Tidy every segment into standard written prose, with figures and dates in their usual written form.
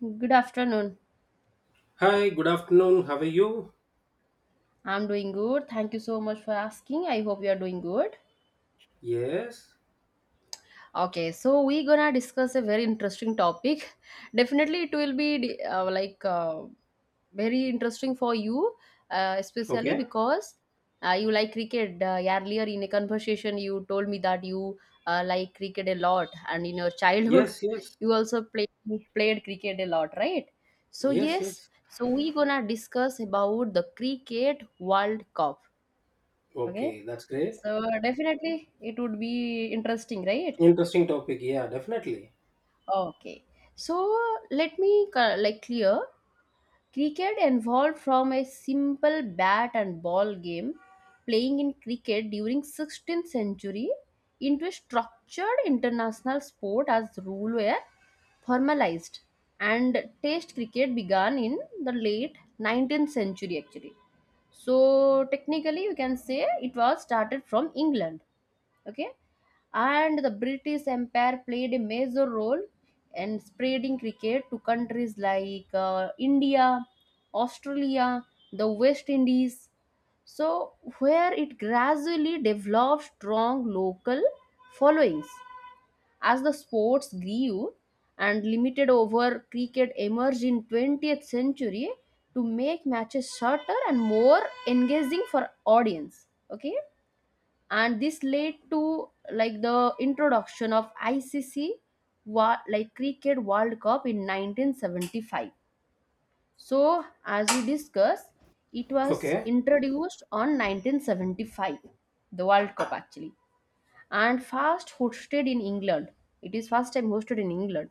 Good afternoon. Hi, good afternoon. How are you? I'm doing good. Thank you so much for asking. I hope you are doing good. Yes. Okay, so we're gonna discuss a very interesting topic. Definitely, it will be very interesting for you, especially Okay. because you like cricket. Earlier in a conversation, you told me that you like cricket a lot, and in your childhood, Yes, yes. you also played cricket a lot, right? So Yes, yes, yes. so we're gonna discuss about the Cricket World Cup. Okay. Okay, that's great. So definitely it would be interesting, right? Interesting topic. Yeah, definitely. Okay. So let me clear. Cricket evolved from a simple bat and ball game playing in cricket during 16th century into a structured international sport as rule were formalized, and test cricket began in the late 19th century actually. So technically you can say it was started from England, okay, and the British empire played a major role in spreading cricket to countries like India, Australia, the West Indies, so where it gradually developed strong local followings as the sports grew, and limited over cricket emerged in 20th century to make matches shorter and more engaging for audience, okay, and this led to like the introduction of ICC cricket world cup in 1975. So as we discussed, it was Okay. introduced on 1975, the world cup actually, and first hosted in England. It is first time hosted in England.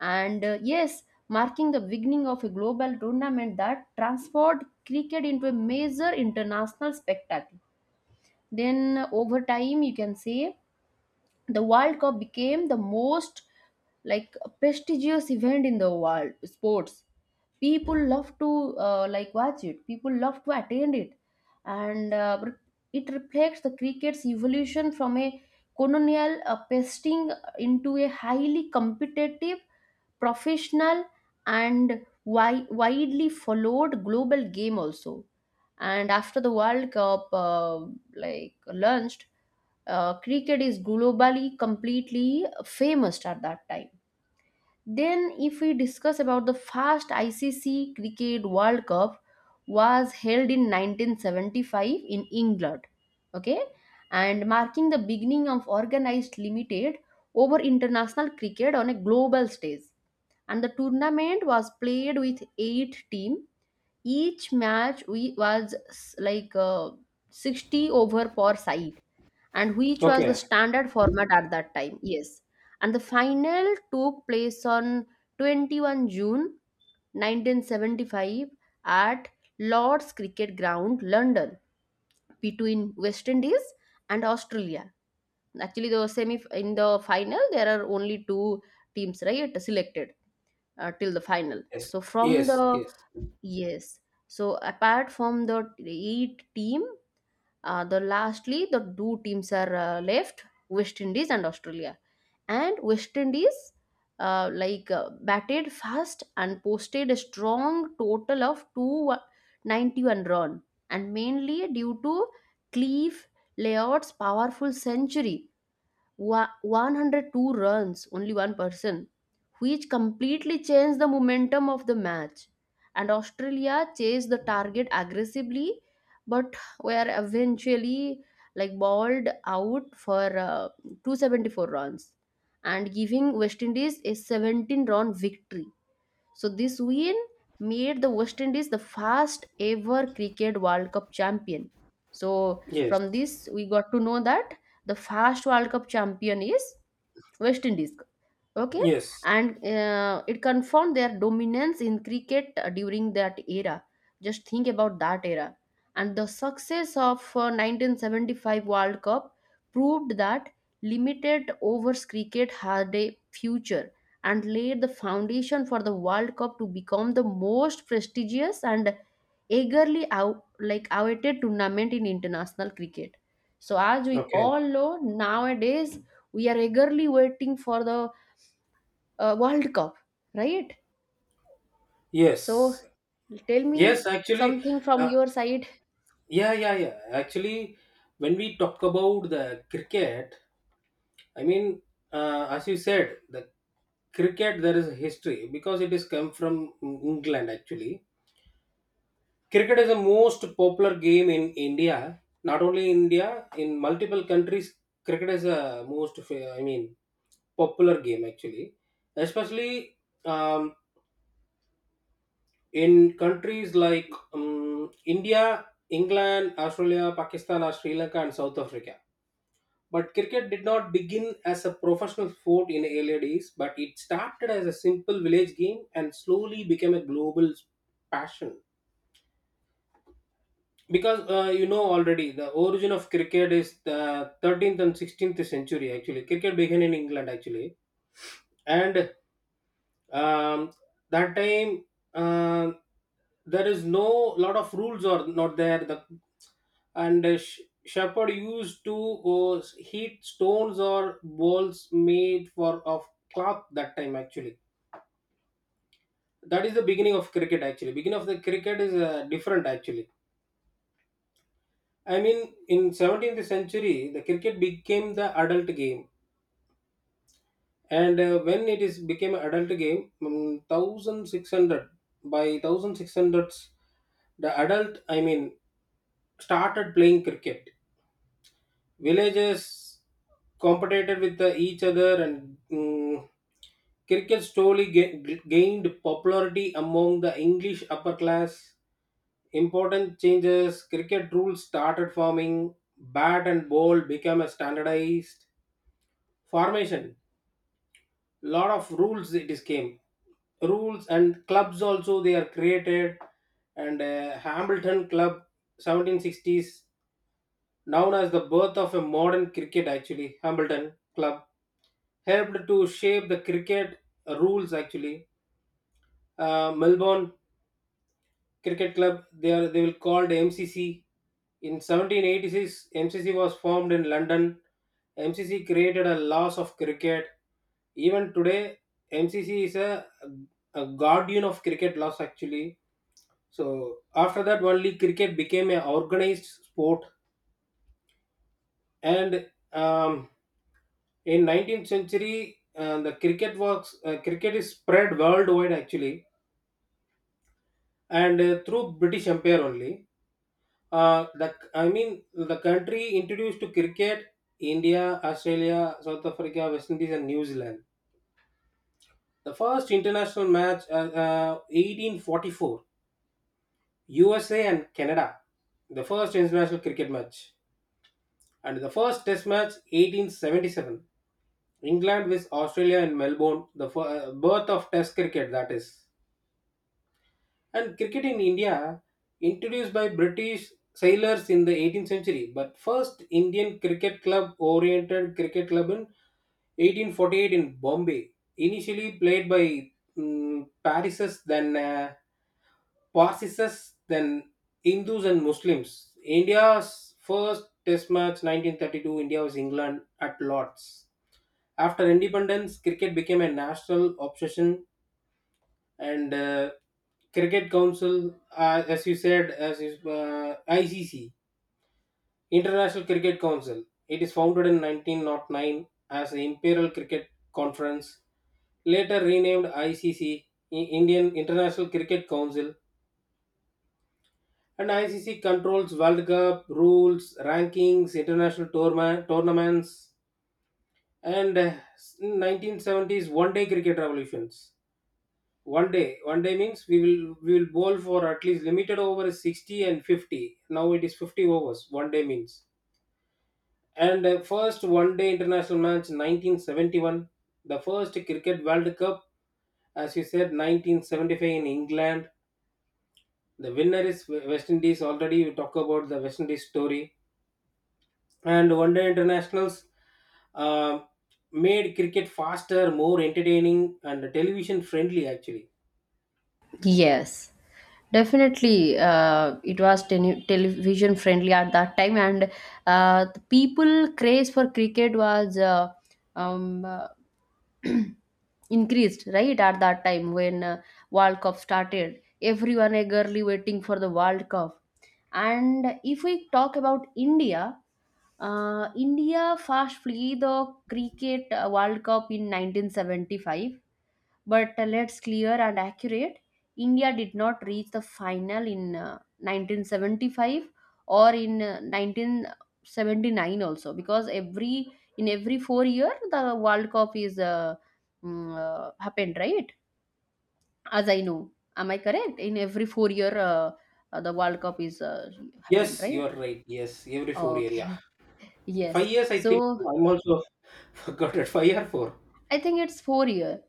And yes, marking the beginning of a global tournament that transformed cricket into a major international spectacle. Then over time you can say the world cup became the most like prestigious event in the world sports. People love to like watch it, people love to attend it. And it reflects the cricket's evolution from a colonial pesting into a highly competitive, professional and widely followed global game also. And after the world cup like launched, cricket is globally completely famous at that time. Then if we discuss about the first ICC cricket world cup, was held in 1975 in England, okay, and marking the beginning of organized limited over international cricket on a global stage. And the tournament was played with eight team, each match we was s- like 60 over per side, and which was the Okay. standard format at that time. Yes. And the final took place on 21 June 1975 at Lord's Cricket Ground, London, between West Indies and Australia. Actually, the semi in the final there are only two teams right selected till the final. Yes. So from Yes, the yes. yes, so apart from the eight team, the lastly, the two teams are left: West Indies and Australia. And West Indies, batted fast and posted a strong total of 291 run, and mainly due to Cleve Layard's powerful century 102 runs, only one person, which completely changed the momentum of the match. And Australia chased the target aggressively, but were eventually like bowled out for 274 runs, and giving West Indies a 17 run victory. So this win made the West Indies the first ever Cricket World Cup champion. So Yes. from this we got to know that the first World Cup champion is West Indies, okay, Yes. and it confirmed their dominance in cricket during that era. Just think about that era. And the success of 1975 world cup proved that limited overs cricket had a future, and laid the foundation for the world cup to become the most prestigious and eagerly out, like awaited tournament in international cricket. So as we Okay. all know, nowadays we are eagerly waiting for the World Cup, right? So Yes. tell Yes, me actually, something from uh, your side. yeah, yeah, yeah. Actually, when we talk about the cricket, I mean, as you said, the cricket there is a history because it is come from England actually. Cricket is the most popular game in India. Not only India, in multiple countries, cricket is the most, I mean, popular game actually. Especially um, in countries like India, England, Australia, Pakistan, or Sri Lanka, and South Africa. But cricket did not begin as a professional sport in earlier days, but it started as a simple village game and slowly became a global passion, because you know already the origin of cricket is the 13th and 16th century. Actually cricket began in England actually. And um, that time, uh, there is no lot of rules or not there the and shepherd used to uh, heat stones or balls made for of cloth that time actually. That is the beginning of cricket actually. Beginning of the cricket is different actually. I mean, in 17th century, the cricket became the adult game, and when it is became an adult game, 1600 by 1600s, the adult I mean started playing cricket. Villages competed with the, each other, and cricket slowly gained popularity among the English upper class. Important changes: cricket rules started forming, bat and ball became standardized formation, lot of rules it is came, rules and clubs also they are created. And Hambleton Club 1760s, known as the birth of a modern cricket actually. Hambleton Club helped to shape the cricket rules actually. Melbourne Cricket Club they are they will called MCC. In 1786, MCC was formed in London. MCC created a laws of cricket. Even today, MCC is a guardian of cricket laws actually. So after that only cricket became an organized sport. And in 19th century, the cricket works, cricket is spread worldwide actually. And through British empire only, the I mean the country introduced to cricket: India, Australia, South Africa, West Indies, and New Zealand. The first international match, 1844, USA and Canada, the first international cricket match. And the first test match, 1877, England with Australia in Melbourne, birth of test cricket, that is. And cricket in India, introduced by British sailors in the 18th century, but first Indian cricket club oriented cricket club in 1848 in Bombay, initially played by Paris's, then. Parsis, than Hindus and Muslims. India's first Test match 1932, India was England at Lords. After independence, cricket became a national obsession. And Cricket Council, as you said, as is ICC, International Cricket Council. It is founded in 1909 as the Imperial Cricket Conference, later renamed ICC, Indian International Cricket Council. And ICC controls World Cup rules, rankings, international tournaments. And 1970s one-day cricket revolutions. One day means we will bowl for at least limited over is 60 and 50. Now it is 50 overs. One day means. And first one-day international match 1971. The first cricket World Cup, as you said, 1975 in England. The winner is West Indies. Already we talk about the West Indies story. And one day internationals uh, made cricket faster, more entertaining, and television friendly actually. Yes, definitely. It was television friendly at that time, and the people craze for cricket was um, uh, increased right at that time when World Cup started. Everyone eagerly waiting for the World Cup. And if we talk about India, India first played the cricket World Cup in 1975, but let's clear and accurate. India did not reach the final in 1975 or in 1979 also, because every in every 4 year the World Cup is happened right. As I know, am I correct? In every 4 year the World Cup is happened Yes, you right. are right. Yes, every 4 year. Yeah, Okay. five Yes. years I think. So I'm also forgot it. Five or four. I think it's 4 year.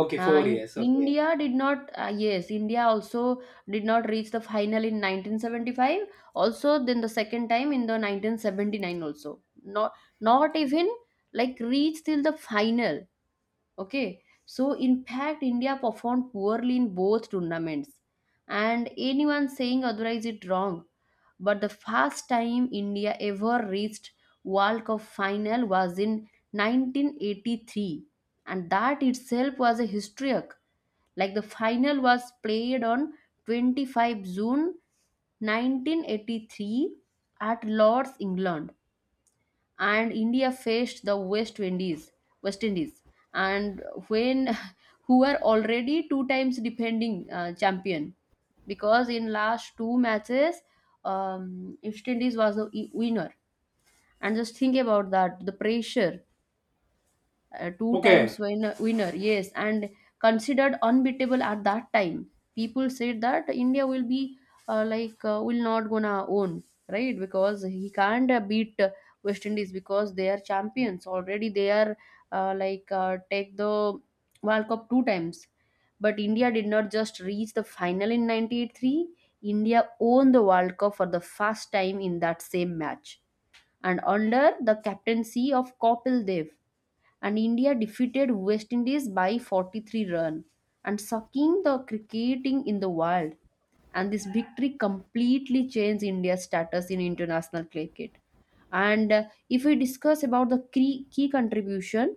Okay, four In years Okay. India did not, yes, India also did not reach the final in 1975. Also, then the second time in the 1979 also. Not, not even like reach till the final. Okay, so in fact, India performed poorly in both tournaments, and anyone saying otherwise is wrong. But the first time India ever reached World Cup final was in 1983, and that itself was a historic. Like the final was played on 25 June 1983 at Lord's, England, and India faced the West Indies, and when who are already two times defending champion, because in last two matches, West Indies was the winner. And just think about that, the pressure, two Okay. times winner, yes, and considered unbeatable at that time. People said that India will be will not gonna own, right, because he can't beat West Indies, because they are champions already. They are take the world cup two times. But India did not just reach the final in 1983, India won the world cup for the first time in that same match, and under the captaincy of Kapil Dev. And India defeated West Indies by 43 runs, and sucking the cricketing in the world. And this victory completely changed India's status in international cricket. And if we discuss about the key contribution,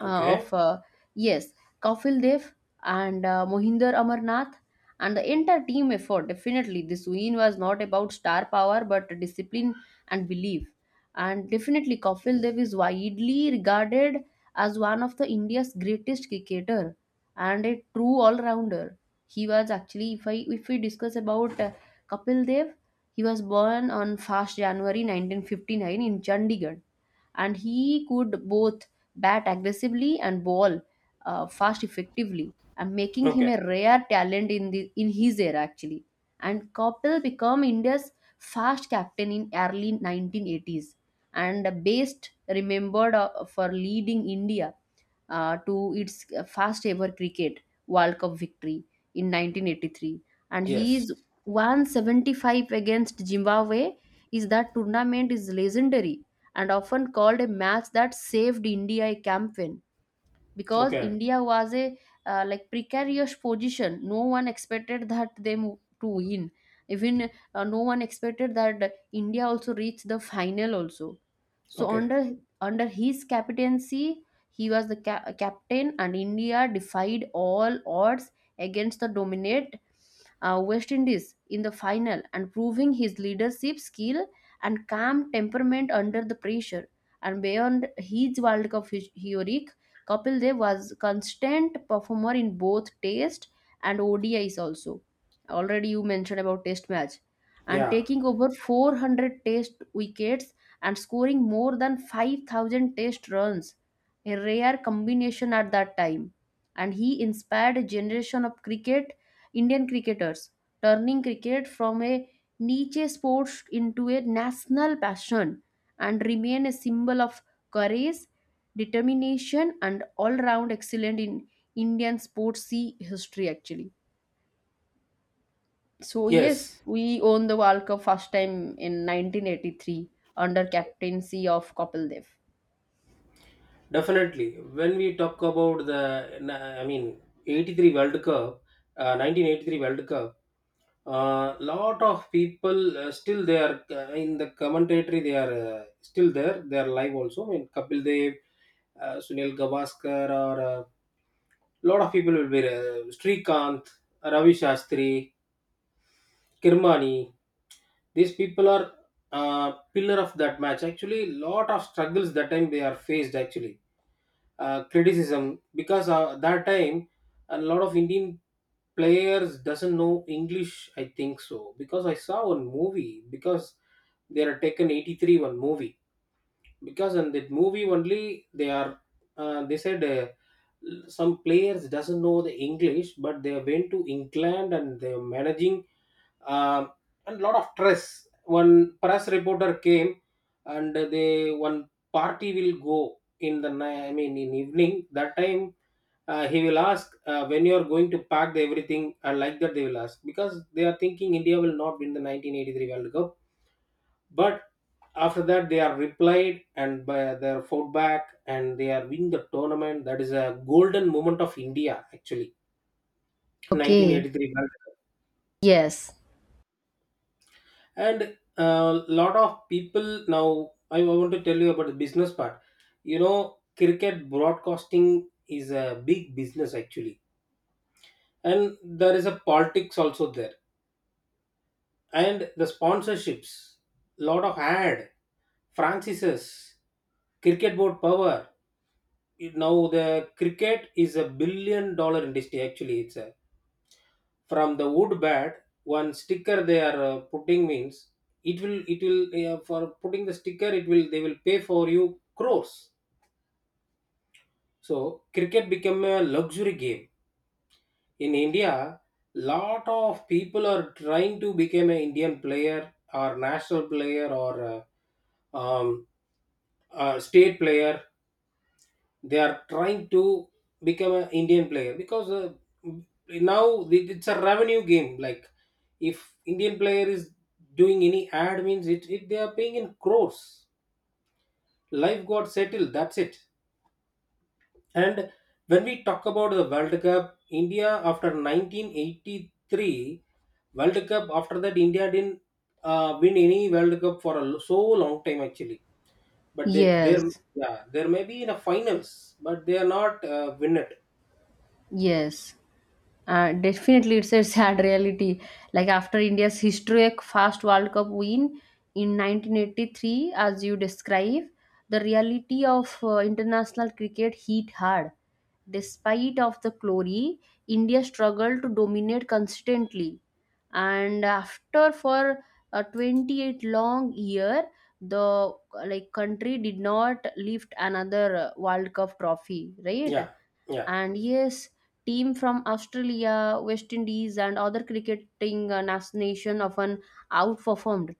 Okay. of yes, Kapil Dev and Mohinder Amarnath and the entire team effort. Definitely this win was not about star power, but discipline and belief. And definitely Kapil Dev is widely regarded as one of the India's greatest cricketer and a true all-rounder. He was actually, if we discuss about Kapil Dev, he was born on 1st January 1959 in Chandigarh, and he could both bat aggressively and ball fast effectively, and making him Okay. a rare talent in his era actually. And Kapil became India's fast captain in early 1980s, and best remembered for leading India to its first ever cricket World Cup victory in 1983. And he Yes. is 175 against Zimbabwe is that tournament is legendary, and often called a match that saved India a campaign, because Okay. India was a precarious position, no one expected that them to win. Even no one expected that India also reached the final also. So Okay. under his captaincy, he was the captain, and India defied all odds against the dominate West Indies in the final, and proving his leadership skill and calm temperament under the pressure. And beyond his world cup hero, Kapil Dev was constant performer in both Test and ODIs also. Already you mentioned about Test match, and Yeah. taking over 400 Test wickets and scoring more than 5,000 Test runs, a rare combination at that time. And he inspired a generation of cricket Indian cricketers, turning cricket from a niche sport into a national passion, and remain a symbol of courage, determination and all round excellent in Indian sports sea history actually. So yes, Yes, we won the World Cup first time in 1983 under captaincy of Kapil Dev. definitely. When we talk about the I mean 83 world cup, 1983 world cup, lot of people still they are in the commentary they are still there, they are live also. I mean Kapil Dev, Sunil Gavaskar, or a lot of people will be Srikanth, Ravi Shastri, Kirmani. These people are pillar of that match actually. Lot of struggles that time they are faced actually, criticism, because that time a lot of Indian players doesn't know English. I think so because I saw one movie because they are taken 83 one movie, because in that movie only they are they said some players doesn't know the English but they went to England and they're managing. um, and lot of stress. One press reporter came, and they one party will go in the I mean in evening. That time he will ask when you are going to pack the everything, and like that they will ask because they are thinking India will not win the 1983 World Cup. But after that they are replied and by their fought back and they are winning the tournament. That is a golden moment of India actually. Okay. 1983 World Cup. Yes. And a lot of people. Now I want to tell you about the business part you know Cricket broadcasting is a big business actually, and there is a politics also there, and the sponsorships, lot of ad, francis's, cricket board power. Now the cricket is $1 billion industry actually. It's a, from the wood bat, one sticker they are putting means it will, for putting the sticker it will, they will pay for you crores. So cricket became a luxury game in India. Lot of people are trying to become an Indian player or national player or um, state player. They are trying to become an Indian player because now it's a revenue game. Like if Indian player is doing any ad means it, it they are paying in crores. Life got settled. That's it. And when we talk about the World Cup, India after 1983 World Cup, after that India didn't win any World Cup for a so long time actually. But they there. Yes. Yeah, there may be in a finals, but they are not win it. Yes. Definitely, it's a sad reality. Like after India's historic first World Cup win in 1983, as you describe, the reality of international cricket hit hard. Despite of the glory, India struggled to dominate consistently. And after for 28 long year, the like country did not lift another World Cup trophy, right? Yeah, yeah, And yes, team from Australia, West Indies, and other cricketing nation often outperformed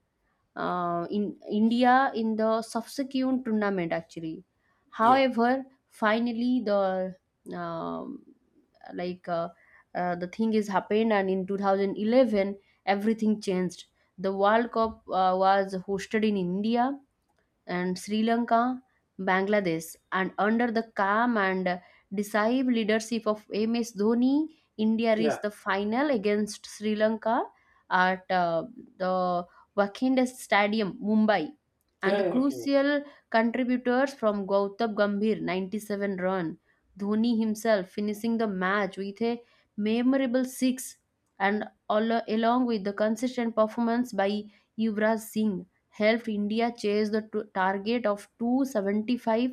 in India in the subsequent tournament actually. yeah, However, finally um, like uh, the thing is happened, and in 2011 everything changed. The World Cup was hosted in India and Sri Lanka, Bangladesh, and under the calm and decisive leadership of MS Dhoni, India yeah, reached the final against Sri Lanka at the Wankhede Stadium, Mumbai. And yeah, the yeah, okay. crucial contributors from Gautam Gambhir, 97 run, Dhoni himself finishing the match with a memorable six, and all, along with the consistent performance by Yuvraj Singh, helped India chase the target of 275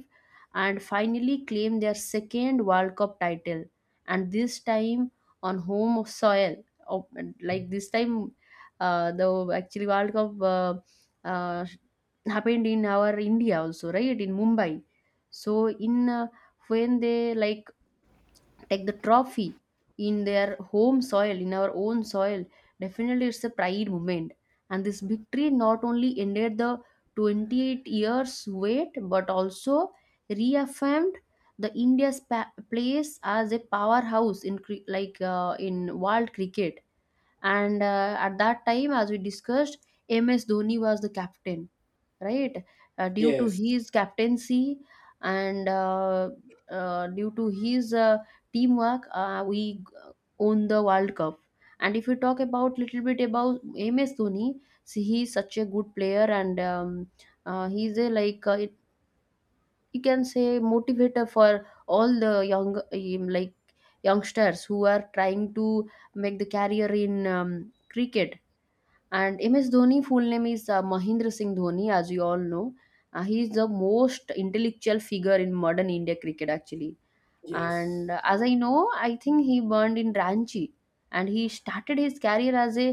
and finally claim their second World Cup title. And this time on home soil, Of- this time, the actually World Cup uh, happened in our India also, right? In Mumbai. So in when they like take the trophy in their home soil, in our own soil, definitely it's a pride moment. And this victory not only ended the 28 years wait, but also reaffirmed the India's place as a powerhouse in in world cricket. And at that time, as we discussed, MS Dhoni was the captain, right? Due to Yes, his captaincy and due to his teamwork, we own the World Cup. And if we talk about little bit about MS Dhoni, see he's such a good player, and he's a you can say motivator for all the young youngsters who are trying to make the career in cricket. And MS Dhoni, full name is Mahendra Singh Dhoni, as you all know. He is the most intellectual figure in modern India cricket, actually. And yes, as I know, I think he burned in Ranchi, and he started his career as a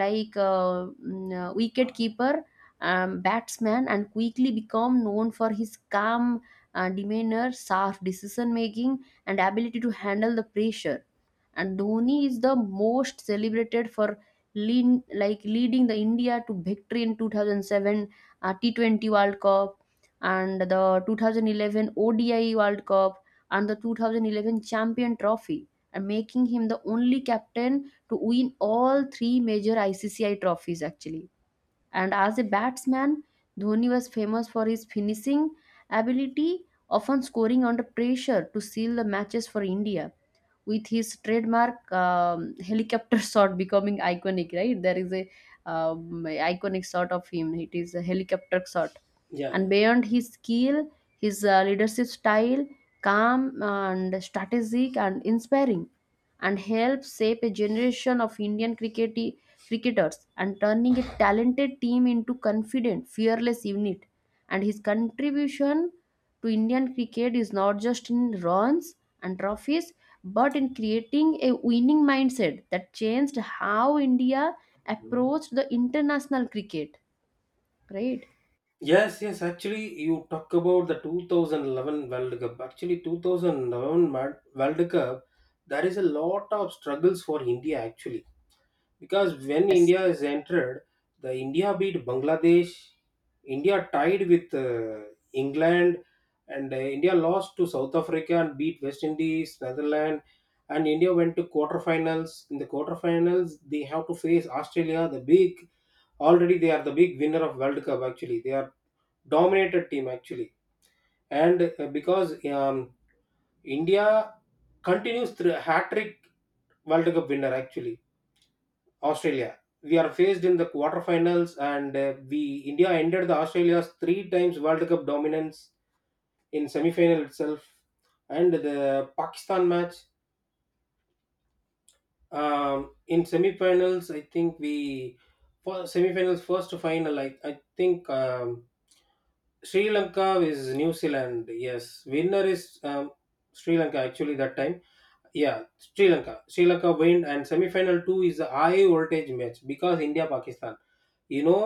wicket keeper batsman, and quickly become known for his calm demeanor, sharp decision making, and ability to handle the pressure. And Dhoni is the most celebrated for lean, like leading the India to victory in 2007 T20 world cup, and the 2011 odi world cup, and the 2011 Champion Trophy, and making him the only captain to win all three major ICCI trophies, actually. And as a batsman, Dhoni was famous for his finishing ability, often scoring under pressure to seal the matches for India with his trademark helicopter shot becoming iconic. Right, there is a iconic shot of him, it is a helicopter shot. yeah, And yeah. beyond his skill, his leadership style, calm and strategic and inspiring, and helped shape a generation of Indian cricketers, and turning a talented team into confident, fearless unit. And his contribution to Indian cricket is not just in runs and trophies, but in creating a winning mindset that changed how India approached the international cricket. Right? Yes, yes, actually, you talk about the 2011 World Cup. Actually, 2011 World Cup, there is a lot of struggles for India, actually, because when Yes. India is entered, the India beat Bangladesh, India tied with England, and India lost to South Africa and beat West Indies, Netherlands, and India went to quarterfinals. In the quarterfinals, they have to face Australia, the big, already they are the big winner of World Cup. Actually, they are dominated team actually, and because India continues through hat trick World Cup winner actually, Australia. We are faced in the quarterfinals, and we India ended the Australia's three times World Cup dominance in semi-final itself. And the Pakistan match, in semi-finals. I think we for semi-finals first to final. I think. Sri Lanka is New Zealand. Yes, winner is Sri Lanka. Actually, that time, yeah, Sri Lanka. Semi final two is the high voltage match because India Pakistan. You know,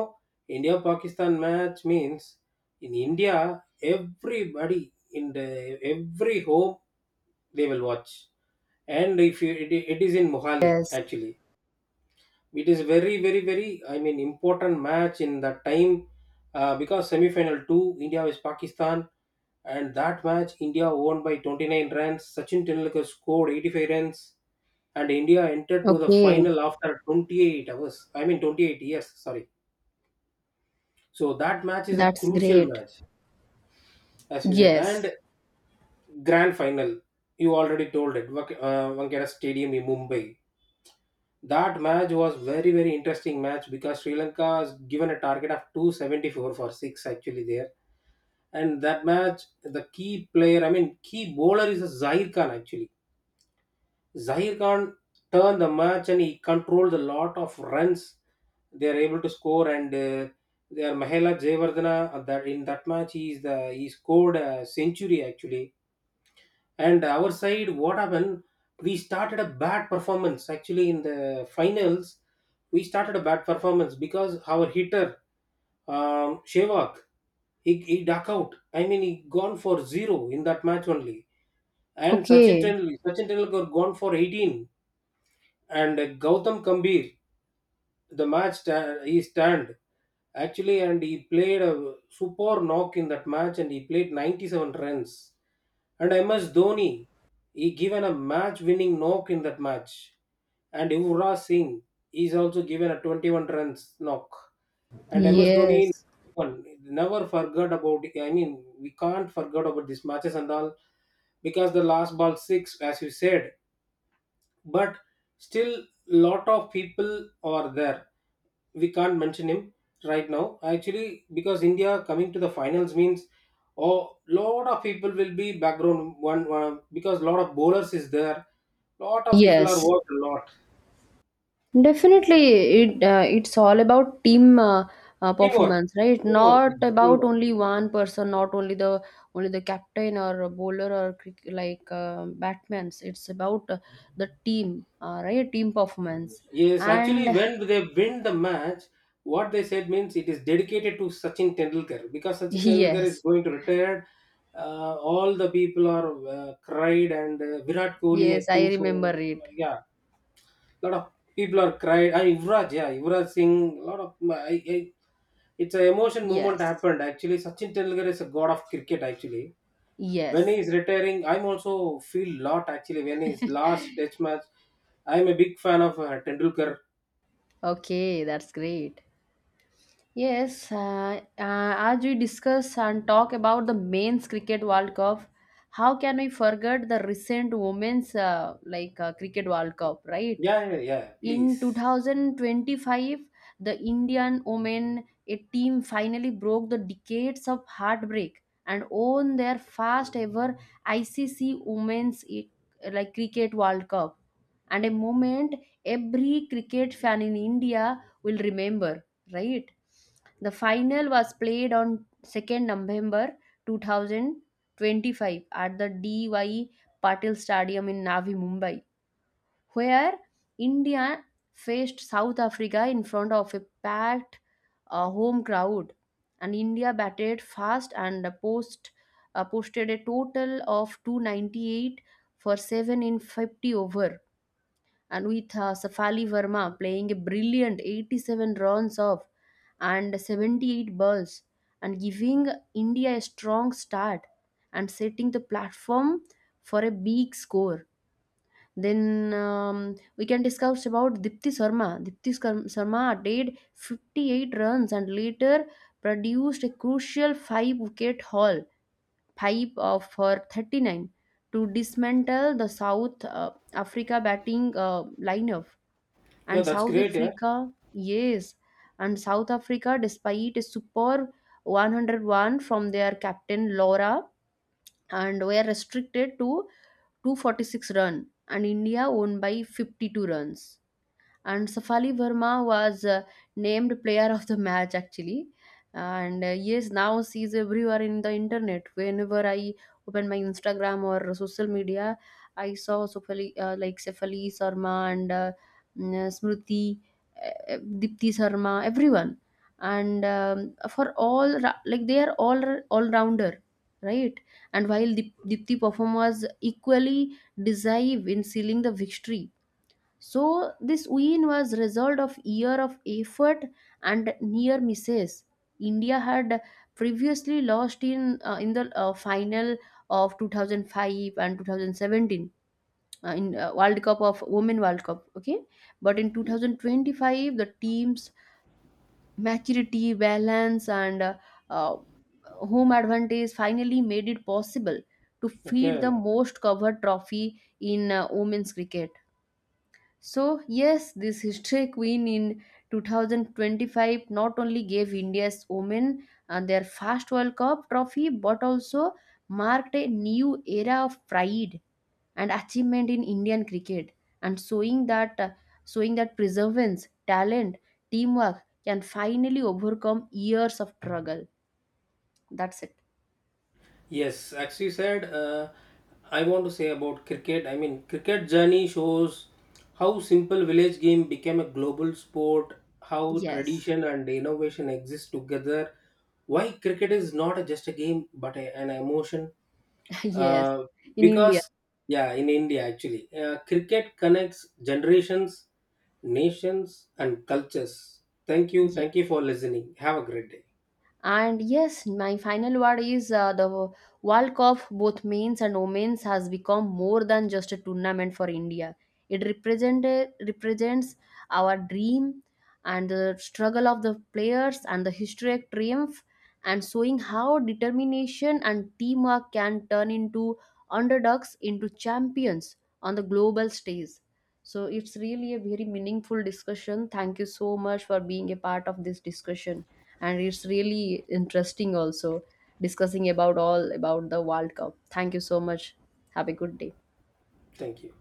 India Pakistan match means in India, everybody in the every home they will watch. And if you, it is in Mohali Yes. actually, it is very very very, I mean, important match in that time, because semi final two India is Pakistan, and that match India won by 29 runs. Sachin Tendulkar scored 85 runs and India entered to the Okay. final after 28 hours. I mean 28 years. Sorry. So that match is a That's crucial great. match, as we said. Yes. And grand final, you already told it, Wankhede Stadium in Mumbai. That match was very very interesting match because Sri Lanka is given a target of 274 for six actually there, and that match the key player, I mean key bowler is a Zahir Khan actually. Zahir Khan turned the match and he controlled a lot of runs they are able to score. And they are Mahela Jayavardhana, that in that match he is the, he scored a century actually. And our side, what happened? We started a bad performance actually in the finals. We started a bad performance because our hitter, Shevak, he duck out. I mean, he gone for 0 in that match only. And Okay. Sachin Tendulkar gone for 18, and Gautam Kambir, he stand actually, and he played a super knock in that match, and he played 97 runs. And MS Dhoni, he given a match-winning knock in that match, and Yuvraj Singh is also given a 21 runs knock, and MS Dhoni Yes. one never forgot about. I mean, we can't forget about these matches and all because the last ball six, as you said. But still lot of people are there, we can't mention him right now actually, because India coming to the finals means a lot of people will be background, one, one, because lot of bowlers is there, lot of people are Yes. worked a lot. Definitely, it's all about team Teamwork, performance, right? teamwork, Not it's a about teamwork. only one person, not only the only the captain or a bowler or batmans. It's about the team, right? Team performance. Yes, And actually, when they win the match, what they said means it is dedicated to Sachin Tendulkar because Sachin Tendulkar is yes, going to retire. All the people are cried, and Virat Kohli, I yes, I think so. remember it. Yeah, lot of people are cried. I Yuvraj, yeah, Yuvraj Singh, lot of. It's an emotion movement Yes, happened actually. Sachin Tendulkar is a god of cricket actually. When he yes. is retiring, I'm also feel lot actually when his last test match. I'm a big fan of Tendulkar. Okay, that's great. Yes, as we discuss and talk about the men's cricket World Cup, how can we forget the recent women's cricket World Cup, right? Yeah, yeah, yeah, In please. 2025, the Indian women a team finally broke the decades of heartbreak and won their first ever ICC Women's Cricket World Cup, and a moment every cricket fan in India will remember, right? The final was played on 2nd November 2025 at the DY Patil Stadium in Navi Mumbai, where India faced South Africa in front of a packed home crowd. And India batted fast and posted a total of 298 for 7 in 50 over, and with Safali Verma playing a brilliant 87 runs off and 78 balls, and giving India a strong start and setting the platform for a big score. Then we can discuss about Dipti Sharma. Sharma did 58 runs, and later produced a crucial five wicket haul, five of her 39, to dismantle the South Africa batting lineup. Yeah, And that's South great. Yeah. Africa, yes, and South Africa, despite a superb 101 from their captain Laura, and were restricted to 246 runs, and India won by 52 runs, and Safali Verma was named player of the match, actually. And yes, now she's everywhere in the internet. Whenever I open my Instagram or social media, I saw Safali, Safali Sharma, and Smriti, Dipti Sharma, everyone. And for all ra- like they are all rounder, right? And while Dipti perform was equally decisive in sealing the victory, so this win was result of year of effort and near misses. India had previously lost in the final of 2005 and 2017 in World Cup of Women World Cup. Okay, but in 2025 the team's maturity, balance, and uh, home advantage finally made it possible to feed the Okay. most covered trophy in women's cricket. So, yes, this history queen in 2025 not only gave India's women their first World Cup trophy, but also marked a new era of pride and achievement in Indian cricket, and showing that perseverance, talent, teamwork can finally overcome years of struggle. That's it. Yes, as you said, I want to say about cricket. I mean, cricket journey shows how simple village game became a global sport, how Yes. tradition and innovation exist together, why cricket is not just a game but an emotion. Yes. Uh, In India. because, yeah, in India actually, cricket connects generations, nations, and cultures. Thank you. Yes. Thank you for listening. Have a great day. And yes, my final word is, the World Cup, both men's and women's, has become more than just a tournament for India. It represented represents our dream and the struggle of the players and the historic triumph, and showing how determination and teamwork can turn into underdogs into champions on the global stage. So it's really a very meaningful discussion. Thank you so much for being a part of this discussion. And it's really interesting also discussing about all about the World Cup. Thank you so much. Have a good day. Thank you.